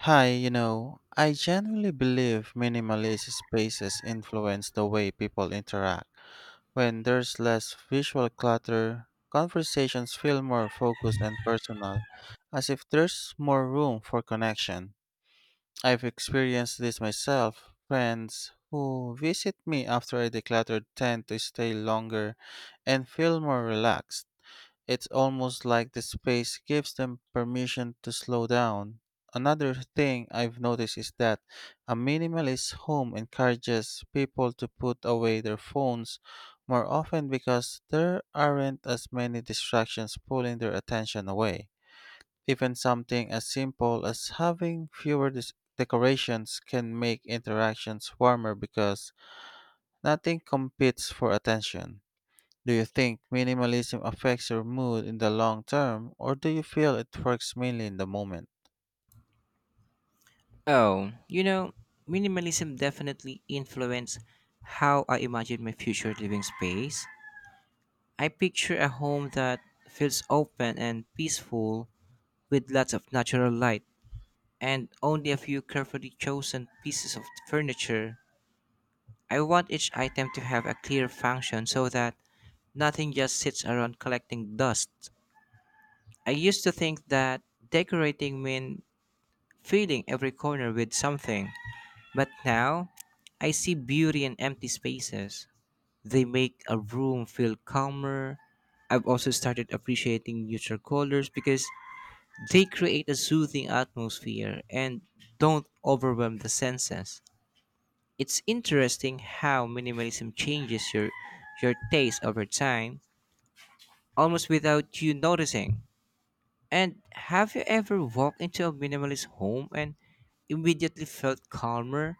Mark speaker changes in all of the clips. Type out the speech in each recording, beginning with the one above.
Speaker 1: Hi, you know, I genuinely believe minimalist spaces influence the way people interact. When there's less visual clutter, conversations feel more focused and personal, as if there's more room for connection. I've experienced this myself. Friends who visit me after I decluttered tend to stay longer and feel more relaxed. It's almost like the space gives them permission to slow down. Another thing I've noticed is that a minimalist home encourages people to put away their phones more often because there aren't as many distractions pulling their attention away. Even something as simple as having fewer decorations can make interactions warmer because nothing competes for attention. Do you think minimalism affects your mood in the long term, or do you feel it works mainly in the moment?
Speaker 2: Oh, minimalism definitely influenced how I imagine my future living space. I picture a home that feels open and peaceful with lots of natural light and only a few carefully chosen pieces of furniture. I want each item to have a clear function so that nothing just sits around collecting dust. I used to think that decorating meant filling every corner with something. But now, I see beauty in empty spaces. They make a room feel calmer. I've also started appreciating neutral colors because they create a soothing atmosphere and don't overwhelm the senses. It's interesting how minimalism changes your taste over time almost without you noticing. And have you ever walked into a minimalist home and immediately felt calmer?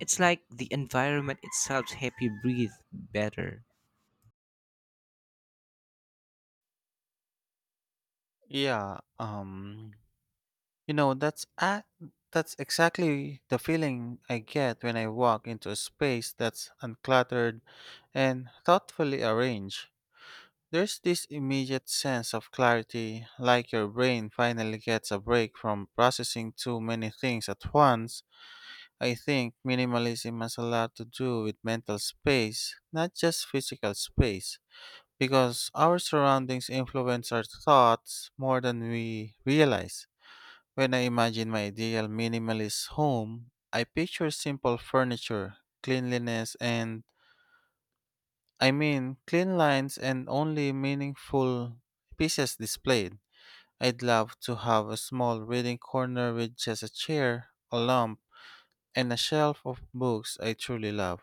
Speaker 2: It's like the environment itself helps you breathe better.
Speaker 1: Yeah, you know, that's exactly the feeling I get when I walk into a space that's uncluttered and thoughtfully arranged. There's this immediate sense of clarity, like your brain finally gets a break from processing too many things at once. I think minimalism has a lot to do with mental space, not just physical space, because our surroundings influence our thoughts more than we realize. When I imagine my ideal minimalist home, I picture simple furniture, cleanliness, and clean lines and only meaningful pieces displayed. I'd love to have a small reading corner with just a chair, a lamp, and a shelf of books I truly love.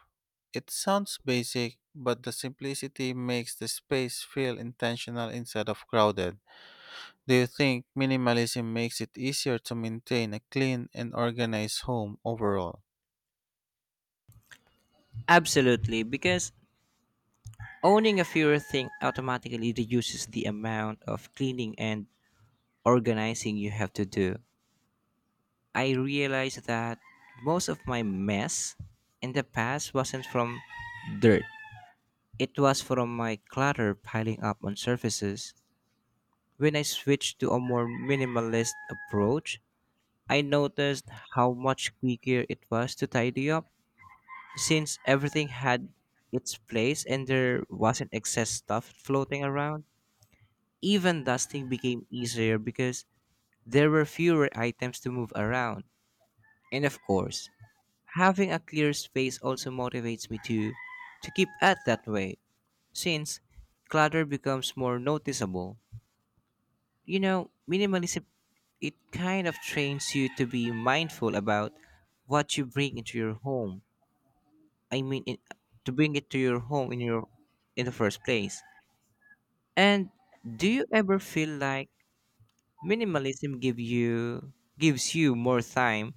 Speaker 1: It sounds basic, but the simplicity makes the space feel intentional instead of crowded. Do you think minimalism makes it easier to maintain a clean and organized home overall?
Speaker 2: Absolutely, because owning a fewer thing automatically reduces the amount of cleaning and organizing you have to do. I realized that most of my mess in the past wasn't from dirt. It was from my clutter piling up on surfaces. When I switched to a more minimalist approach, I noticed how much quicker it was to tidy up since everything had its place and there wasn't excess stuff floating around. Even dusting became easier because there were fewer items to move around. And of course, having a clear space also motivates me to keep at that way since clutter becomes more noticeable. Minimalism it kind of trains you to be mindful about what you bring into your home. I mean, in, to bring it to your home in your In the first place. And do you ever feel like minimalism give you gives you more time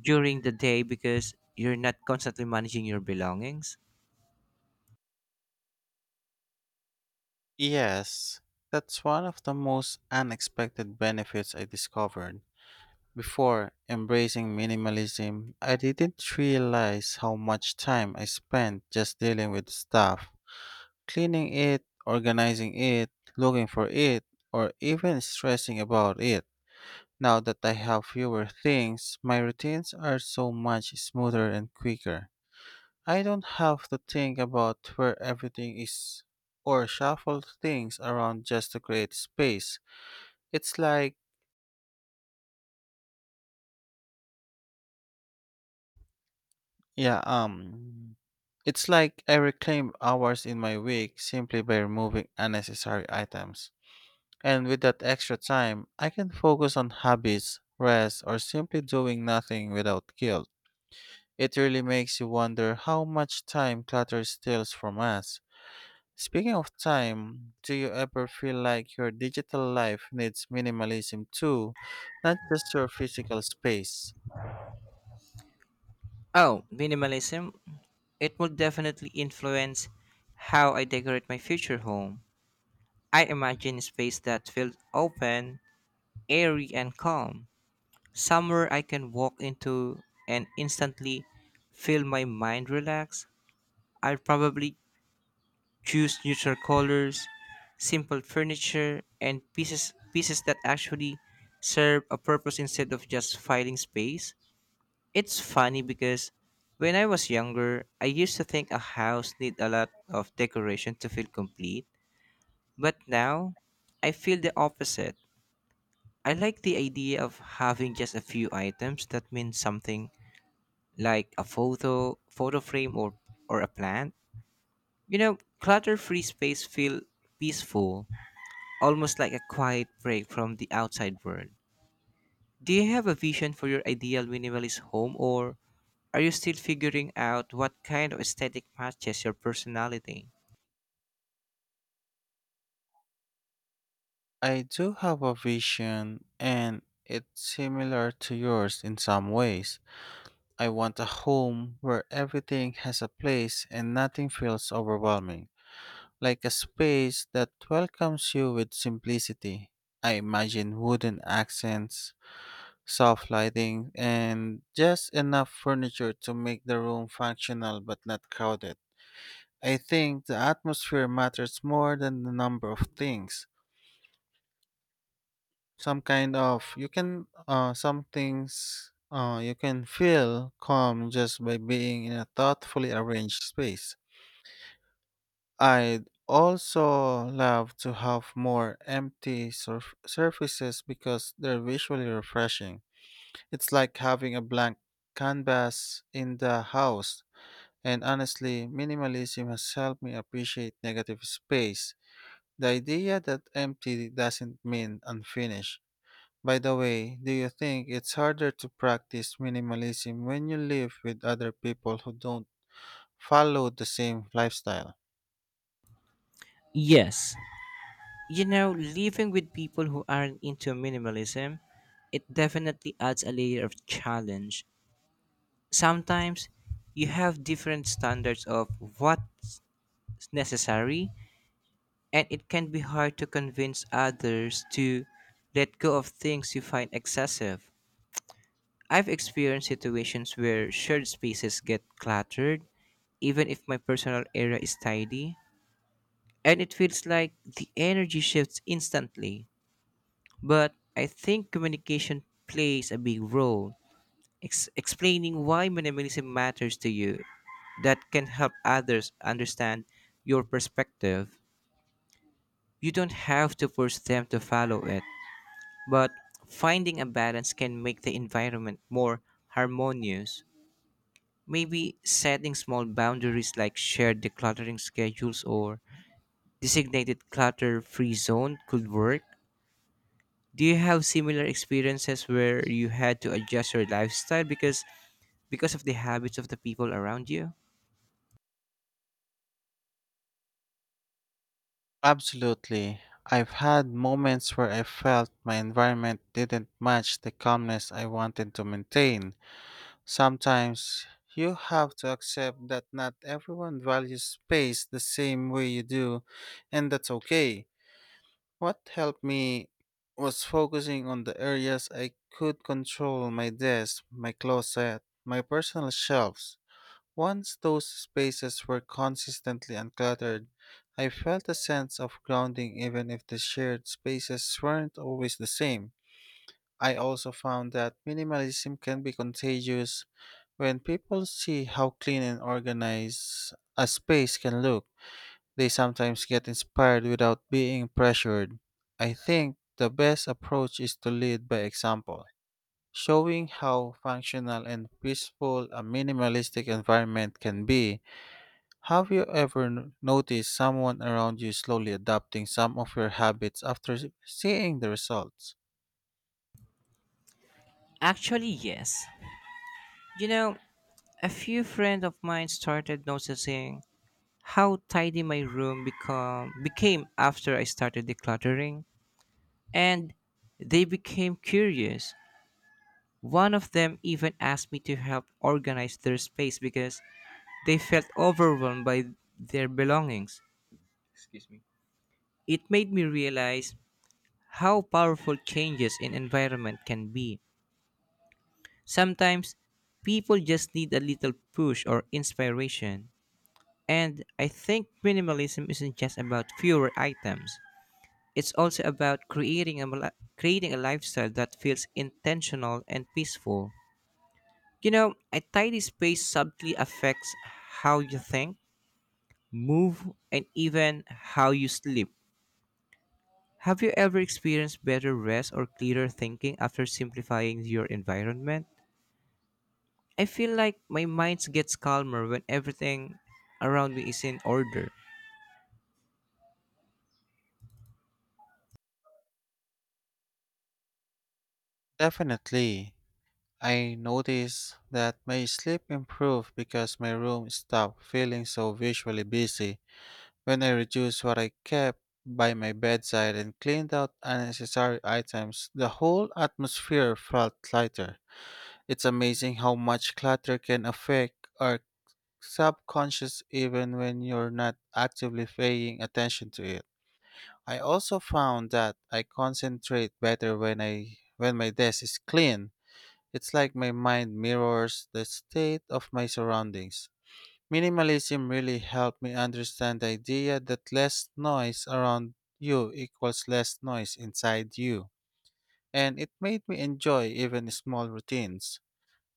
Speaker 2: during the day because you're not constantly managing your belongings?
Speaker 1: Yes, that's one of the most unexpected benefits I discovered. Before embracing minimalism, I didn't realize how much time I spent just dealing with stuff. Cleaning it, organizing it, looking for it, or even stressing about it. Now that I have fewer things, my routines are so much smoother and quicker. I don't have to think about where everything is or shuffle things around just to create space. It's like, yeah, um, it's like I reclaim hours in my week simply by removing unnecessary items. And with that extra time, I can focus on hobbies, rest, or simply doing nothing without guilt. It really makes you wonder how much time clutter steals from us. Speaking of time, do you ever feel like your digital life needs minimalism too, not just your physical space?
Speaker 2: Oh, minimalism it will definitely influence how I decorate my future home. I imagine a space that feels open, airy, and calm, somewhere I can walk into and instantly feel my mind relax. I'd probably choose neutral colors, simple furniture, and pieces that actually serve a purpose instead of just filling space. It's funny because when I was younger, I used to think a house need a lot of decoration to feel complete, but now I feel the opposite. I like the idea of having just a few items that mean something, like a photo frame or a plant. You know, clutter-free space feel peaceful, almost like a quiet break from the outside world. Do you have a vision for your ideal minimalist home, or are you still figuring out what kind of aesthetic matches your personality?
Speaker 1: I do have a vision, and it's similar to yours in some ways. I want a home where everything has a place and nothing feels overwhelming, like a space that welcomes you with simplicity. I imagine wooden accents, soft lighting, and just enough furniture to make the room functional but not crowded. I think the atmosphere matters more than the number of things. Some things, you can feel calm just by being in a thoughtfully arranged space. I'd also love to have more empty surfaces because they're visually refreshing. It's like having a blank canvas in the house. And honestly, minimalism has helped me appreciate negative space, the idea that empty doesn't mean unfinished. By the way, do you think it's harder to practice minimalism when you live with other people who don't follow the same lifestyle?
Speaker 2: Yes. Living with people who aren't into minimalism, it definitely adds a layer of challenge. Sometimes you have different standards of what's necessary, and it can be hard to convince others to let go of things you find excessive. I've experienced situations where shared spaces get cluttered, even if my personal area is tidy, and it feels like the energy shifts instantly. But I think communication plays a big role. Explaining why minimalism matters to you, that can help others understand your perspective. You don't have to force them to follow it, but finding a balance can make the environment more harmonious. Maybe setting small boundaries like shared decluttering schedules or designated clutter free zone could work. Do you have similar experiences where you had to adjust your lifestyle because of the habits of the people around you?
Speaker 1: Absolutely. I've had moments where I felt my environment didn't match the calmness I wanted to maintain. Sometimes you have to accept that not everyone values space the same way you do, and that's okay. What helped me was focusing on the areas I could control: my desk, my closet, my personal shelves. Once those spaces were consistently uncluttered, I felt a sense of grounding even if the shared spaces weren't always the same. I also found that minimalism can be contagious when people see how clean and organized a space can look. They sometimes get inspired without being pressured. I think the best approach is to lead by example, showing how functional and peaceful a minimalistic environment can be. Have you ever noticed someone around you slowly adopting some of your habits after seeing the results?
Speaker 2: Actually, yes. You know, a few friends of mine started noticing how tidy my room become became after I started decluttering, and they became curious. One of them even asked me to help organize their space because they felt overwhelmed by their belongings. It made me realize how powerful changes in environment can be. Sometimes people just need a little push or inspiration. And I think minimalism isn't just about fewer items. It's also about creating a lifestyle that feels intentional and peaceful. You know, a tidy space subtly affects how you think, move, and even how you sleep. Have you ever experienced better rest or clearer thinking after simplifying your environment? I feel like my mind gets calmer when everything around me is in order.
Speaker 1: Definitely. I noticed that my sleep improved because my room stopped feeling so visually busy when I reduced what I kept by my bedside and cleaned out unnecessary items. The whole atmosphere felt lighter. It's amazing how much clutter can affect our subconscious even when you're not actively paying attention to it. I also found that I concentrate better when my desk is clean. It's like my mind mirrors the state of my surroundings. Minimalism really helped me understand the idea that less noise around you equals less noise inside you. And it made me enjoy even small routines.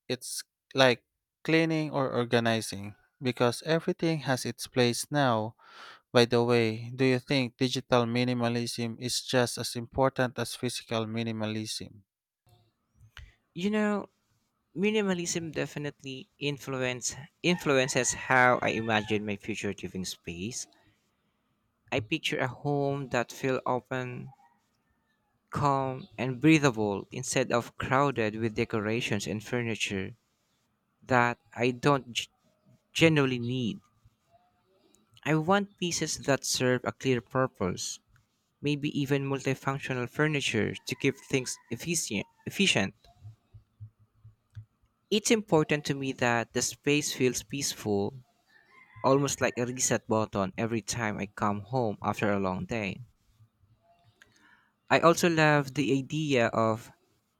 Speaker 1: It's like cleaning or organizing because everything has its place now. By the way, do you think digital minimalism is just as important as physical minimalism?
Speaker 2: You know, Minimalism definitely influences how I imagine my future living space. I picture a home that feels open, calm, and breathable instead of crowded with decorations and furniture that I don't g- generally need. I want pieces that serve a clear purpose, maybe even multifunctional furniture to keep things efficient. It's important to me that the space feels peaceful almost like a reset button every time I come home after a long day. I also love the idea of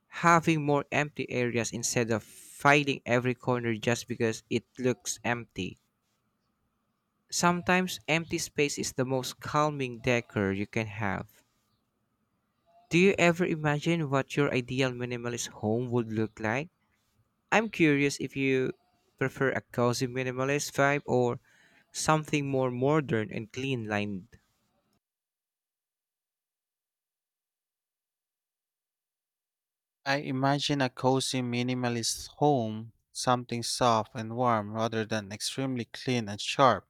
Speaker 2: having more empty areas instead of filing every corner just because it looks empty. Sometimes empty space is the most calming decor you can have. Do you ever imagine what your ideal minimalist home would look like? I'm curious if you prefer a cozy minimalist vibe or something more modern and clean lined.
Speaker 1: I imagine a cozy minimalist home, something soft and warm rather than extremely clean and sharp.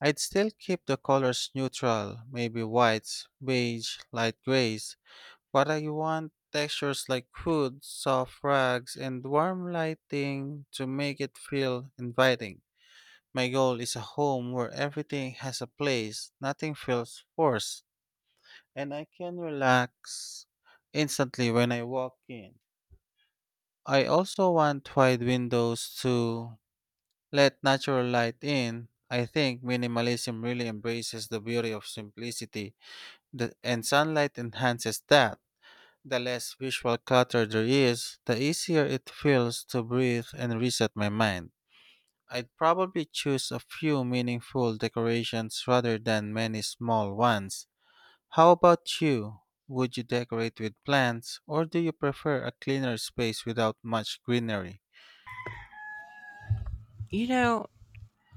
Speaker 1: I'd still keep the colors neutral, maybe whites, beige, light grays. What I want textures like wood, soft rugs, and warm lighting to make it feel inviting. My goal is a home where everything has a place, nothing feels forced, and I can relax instantly when I walk in. I also want wide windows to let natural light in. I think minimalism really embraces the beauty of simplicity, and sunlight enhances that. The less visual clutter there is, the easier it feels to breathe and reset my mind. I'd probably choose a few meaningful decorations rather than many small ones. How about you? Would you decorate with plants, or do you prefer a cleaner space without much greenery?
Speaker 2: You know,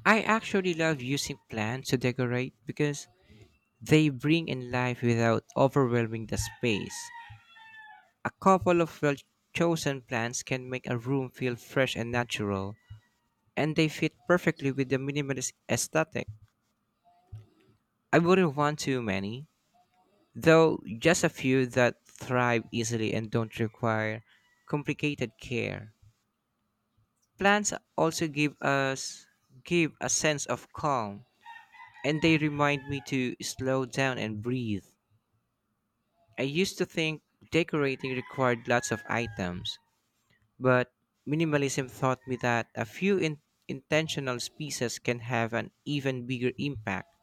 Speaker 2: I actually love using plants to decorate because they bring in life without overwhelming the space. A couple of well chosen plants can make a room feel fresh and natural, and they fit perfectly with the minimalist aesthetic. I wouldn't want too many, though, just a few that thrive easily and don't require complicated care. Plants also give a sense of calm, and they remind me to slow down and breathe. I used to think decorating required lots of items, but minimalism taught me that a few intentional pieces can have an even bigger impact.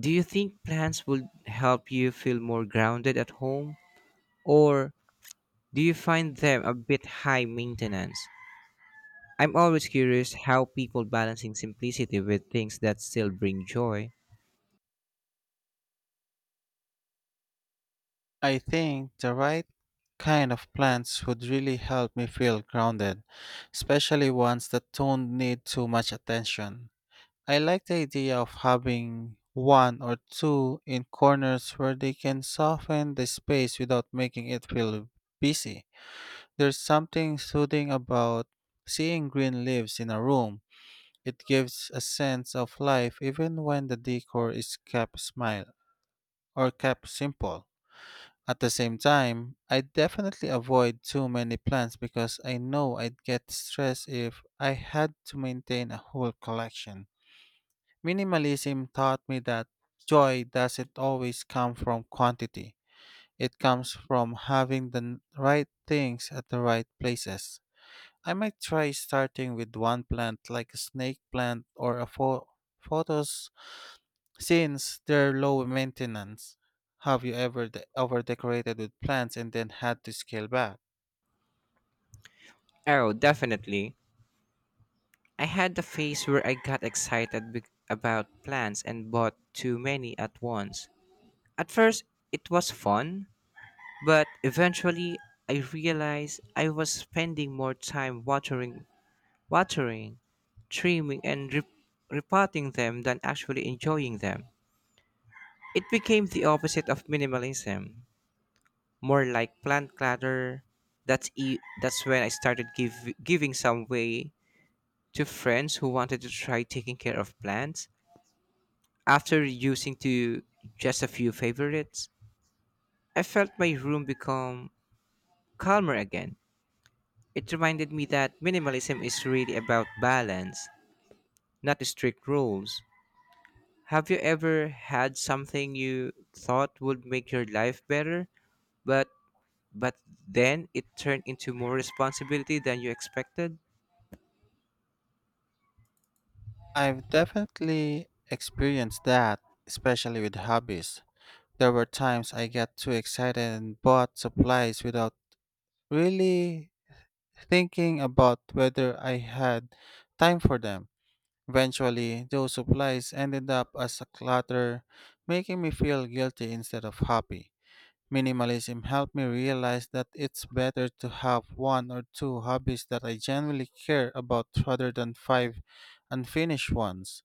Speaker 2: Do you think plants would help you feel more grounded at home, or do you find them a bit high maintenance? I'm always curious how people balancing simplicity with things that still bring joy.
Speaker 1: I think the right kind of plants would really help me feel grounded, especially ones that don't need too much attention. I like the idea of having one or two in corners where they can soften the space without making it feel busy. There's something soothing about seeing green leaves in a room. It gives a sense of life even when the decor is kept smile or kept simple. At the same time, I definitely avoid too many plants because I know I'd get stressed if I had to maintain a whole collection. Minimalism taught me that joy doesn't always come from quantity. It comes from having the right things at the right places. I might try starting with one plant like a snake plant or a photos since they're low maintenance. Have you ever over decorated with plants and then had to scale back?
Speaker 2: Oh, definitely. I had the phase where I about plants and bought too many at once. At first, it was fun, but eventually I realized I was spending more time watering, trimming and repotting them than actually enjoying them. It became the opposite of minimalism, more like plant clutter. That's when I giving some way to friends who wanted to try taking care of plants. After reducing to just a few favorites, I felt my room become calmer again. It reminded me that minimalism is really about balance, not strict rules. Have you ever had something you thought would make your life better, but but then it turned into more responsibility than you expected?
Speaker 1: I've definitely experienced that, especially with hobbies. There were times I got too excited and bought supplies without really thinking about whether I had time for them. Eventually, those supplies ended up as a clutter, making me feel guilty instead of happy. Minimalism helped me realize that it's better to have one or two hobbies that I genuinely care about rather than five unfinished ones.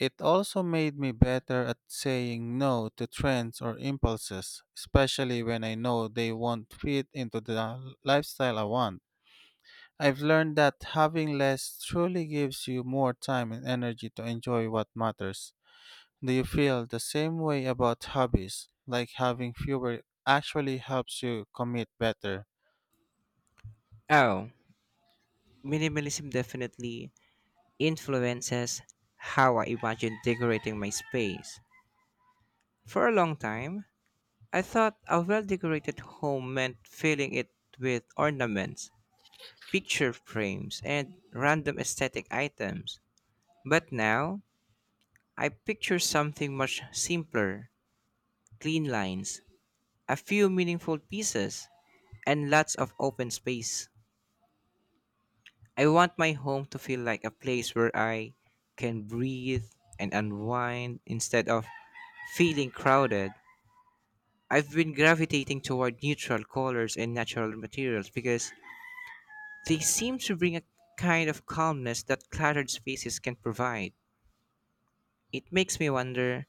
Speaker 1: It also made me better at saying no to trends or impulses, especially when I know they won't fit into the lifestyle I want. I've learned that having less truly gives you more time and energy to enjoy what matters. Do you feel the same way about hobbies? Like having fewer actually helps you commit better.
Speaker 2: Oh, minimalism definitely influences how I imagine decorating my space. For a long time, I thought a well decorated home meant filling it with ornaments, picture frames, and random aesthetic items. But now, I picture something much simpler: clean lines, a few meaningful pieces, and lots of open space. I want my home to feel like a place where I can breathe and unwind instead of feeling crowded. I've been gravitating toward neutral colors and natural materials because they seem to bring a kind of calmness that cluttered spaces can provide. It makes me wonder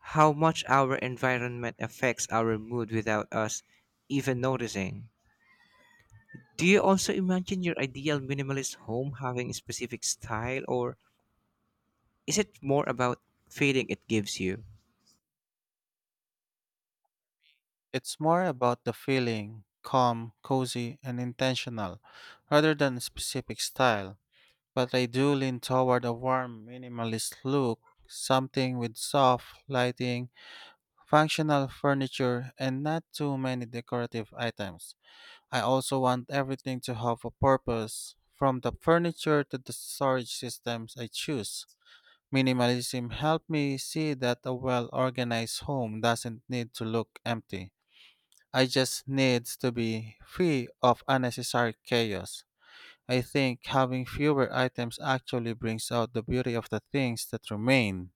Speaker 2: how much our environment affects our mood without us even noticing. Do you also imagine your ideal minimalist home having a specific style, or is it more about feeling it gives you?
Speaker 1: It's more about the feeling: calm, cozy, and intentional, rather than a specific style. But I do lean toward a warm, minimalist look, something with soft lighting, functional furniture, and not too many decorative items. I also want everything to have a purpose, from the furniture to the storage systems I choose. Minimalism helped me see that a well organized home doesn't need to look empty. I just needs to be free of unnecessary chaos. I think having fewer items actually brings out the beauty of the things that remain.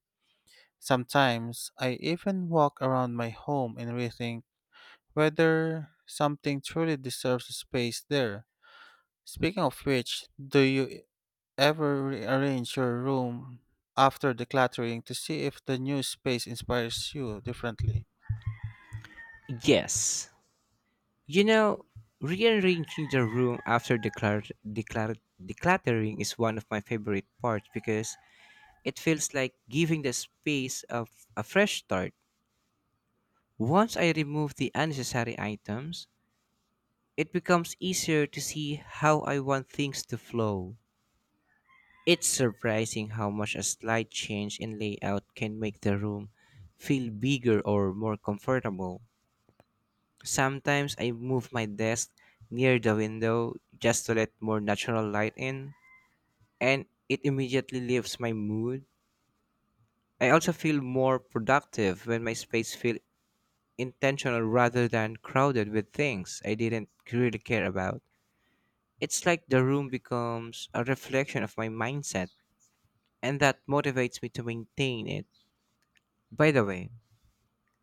Speaker 1: Sometimes I even walk around my home and rethink whether something truly deserves space there. Speaking of which, do you ever rearrange your room after decluttering to see if the new space inspires you differently?
Speaker 2: Yes. You know, Rearranging the room after decluttering is one of my favorite parts because it feels like giving the space of a fresh start. Once I remove the unnecessary items, it becomes easier to see how I want things to flow. It's surprising how much a slight change in layout can make the room feel bigger or more comfortable. Sometimes I move my desk near the window just to let more natural light in, and it immediately lifts my mood. I also feel more productive when my space feels intentional rather than crowded with things I didn't really care about. It's like the room becomes a reflection of my mindset, and that motivates me to maintain it. By the way,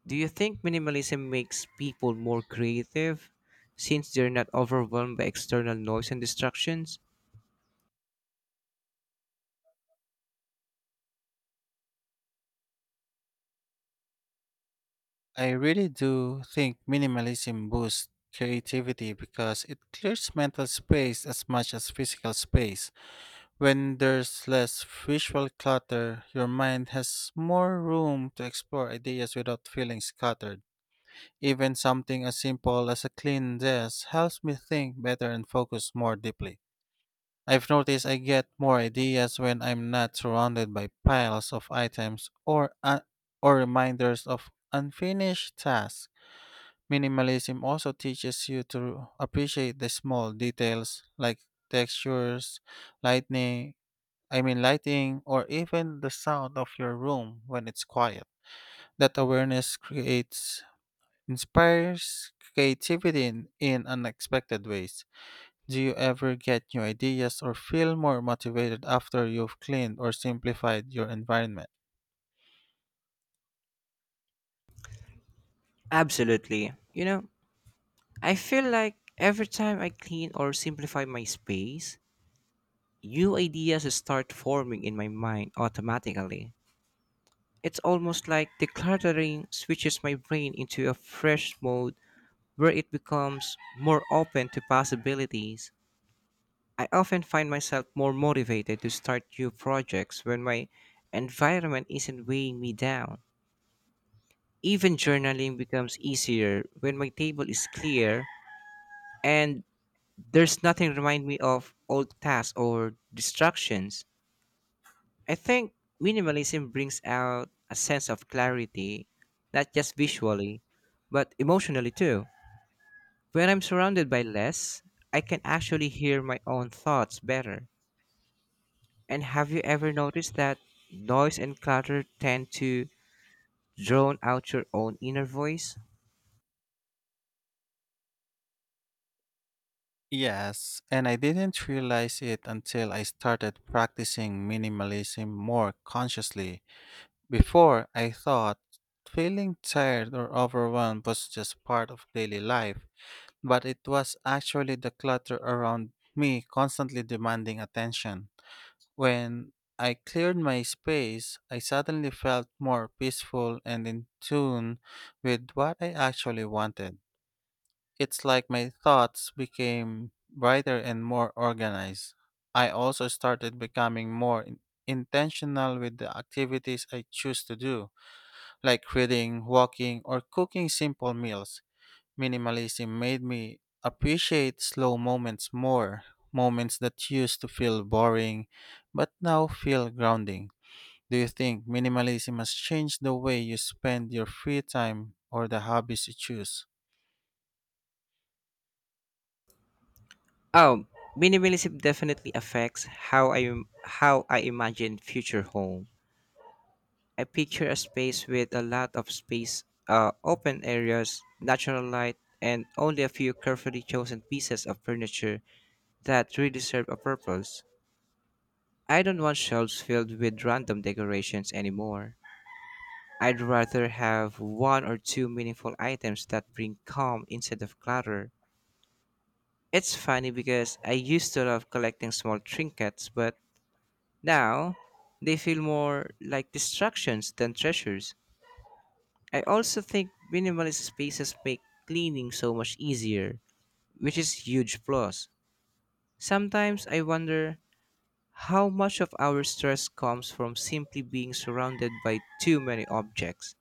Speaker 2: do you think minimalism makes people more creative since they're not overwhelmed by external noise and distractions?
Speaker 1: I really do think minimalism boosts creativity because it clears mental space as much as physical space. When there's less visual clutter, your mind has more room to explore ideas without feeling scattered. Even something as simple as a clean desk helps me think better and focus more deeply. I've noticed I get more ideas when I'm not surrounded by piles of items or or reminders of unfinished tasks. Minimalism also teaches you to appreciate the small details like textures, lightning, I mean lighting, or even the sound of your room when it's quiet. That awareness creates inspires creativity in, unexpected ways. Do you ever get new ideas or feel more motivated after you've cleaned or simplified your environment?
Speaker 2: Absolutely. I feel like every time I clean or simplify my space, new ideas start forming in my mind automatically. It's almost like decluttering switches my brain into a fresh mode where it becomes more open to possibilities. I often find myself more motivated to start new projects when my environment isn't weighing me down. Even journaling becomes easier when my table is clear and there's nothing remind me of old tasks or distractions. I think minimalism brings out a sense of clarity, not just visually, but emotionally too. When I'm surrounded by less, I can actually hear my own thoughts better. And have you ever noticed that noise and clutter tend to drown out your own inner voice?
Speaker 1: Yes, and I didn't realize it until I started practicing minimalism more consciously. Before, I thought feeling tired or overwhelmed was just part of daily life, but it was actually the clutter around me constantly demanding attention. When I cleared my space, I suddenly felt more peaceful and in tune with what I actually wanted. It's like my thoughts became brighter and more organized. I also started becoming more intentional with the activities I choose to do, like reading, walking, or cooking simple meals. Minimalism made me appreciate slow moments more, moments that used to feel boring but now feel grounding. Do you think minimalism has changed the way you spend your free time or the hobbies you choose?
Speaker 2: Oh, minimalism definitely affects how I imagine future home. I picture a space with a lot of space, open areas, natural light, and only a few carefully chosen pieces of furniture that really serve a purpose. I don't want shelves filled with random decorations anymore. I'd rather have one or two meaningful items that bring calm instead of clutter. It's funny because I used to love collecting small trinkets, but now they feel more like distractions than treasures. I also think minimalist spaces make cleaning so much easier, which is huge plus. Sometimes I wonder how much of our stress comes from simply being surrounded by too many objects.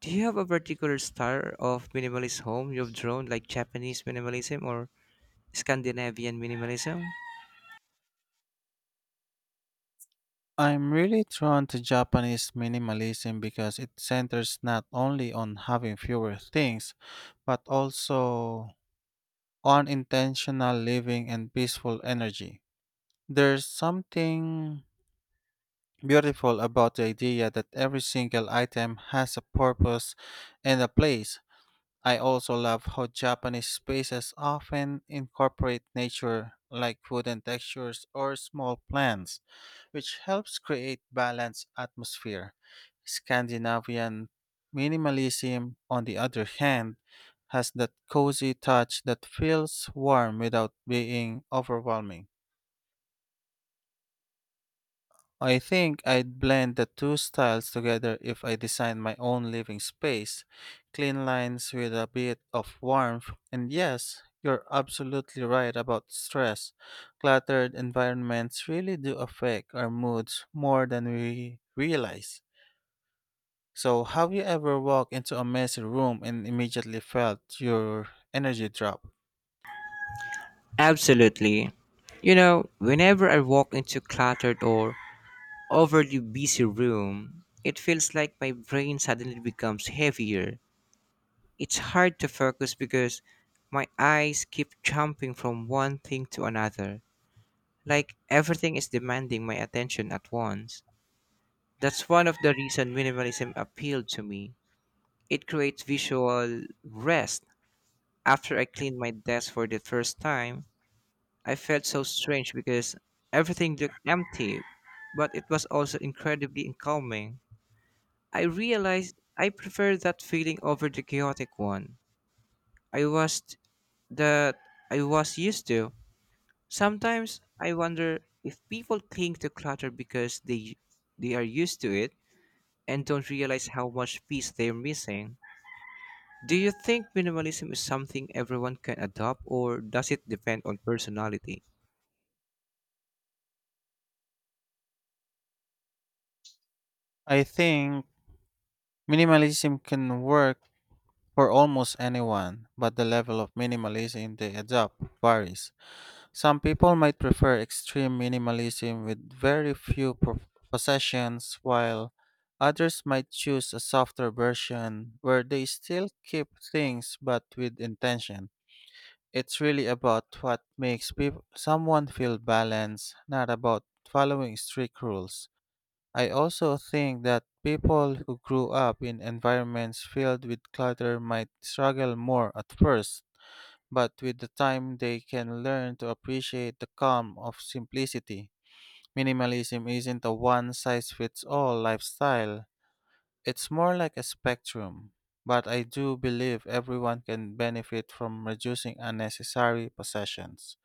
Speaker 2: Do you have a particular style of minimalist home you've drawn, like Japanese minimalism or Scandinavian minimalism?
Speaker 1: I'm really drawn to Japanese minimalism because it centers not only on having fewer things, but also on intentional living and peaceful energy. There's something beautiful about the idea that every single item has a purpose and a place. I also love how Japanese spaces often incorporate nature, like wooden textures or small plants, which helps create balanced atmosphere. Scandinavian minimalism, on the other hand, has that cozy touch that feels warm without being overwhelming. I think I'd blend the two styles together if I designed my own living space. Clean lines with a bit of warmth. And yes, you're absolutely right about stress. Cluttered environments really do affect our moods more than we realize. So, have you ever walked into a messy room and immediately felt your energy drop?
Speaker 2: Absolutely. Whenever I walk into cluttered or overly busy room, it feels like my brain suddenly becomes heavier. It's hard to focus because my eyes keep jumping from one thing to another, like everything is demanding my attention at once. That's one of the reason minimalism appealed to me. It creates visual rest. After I cleaned my desk for the first time, I felt so strange because everything looked empty, but it was also incredibly calming. I realized I prefer that feeling over the chaotic one I was that I was used to. Sometimes I wonder if people cling to clutter because they are used to it and don't realize how much peace they're missing. Do you think minimalism is something everyone can adopt or does it depend on personality?
Speaker 1: I think minimalism can work for almost anyone, but the level of minimalism they adopt varies. Some people might prefer extreme minimalism with very few possessions, while others might choose a softer version where they still keep things but with intention. It's really about what makes peop someone feel balanced, not about following strict rules. I also think that people who grew up in environments filled with clutter might struggle more at first, but with the time they can learn to appreciate the calm of simplicity. Minimalism isn't a one size fits all lifestyle, it's more like a spectrum. But I do believe everyone can benefit from reducing unnecessary possessions.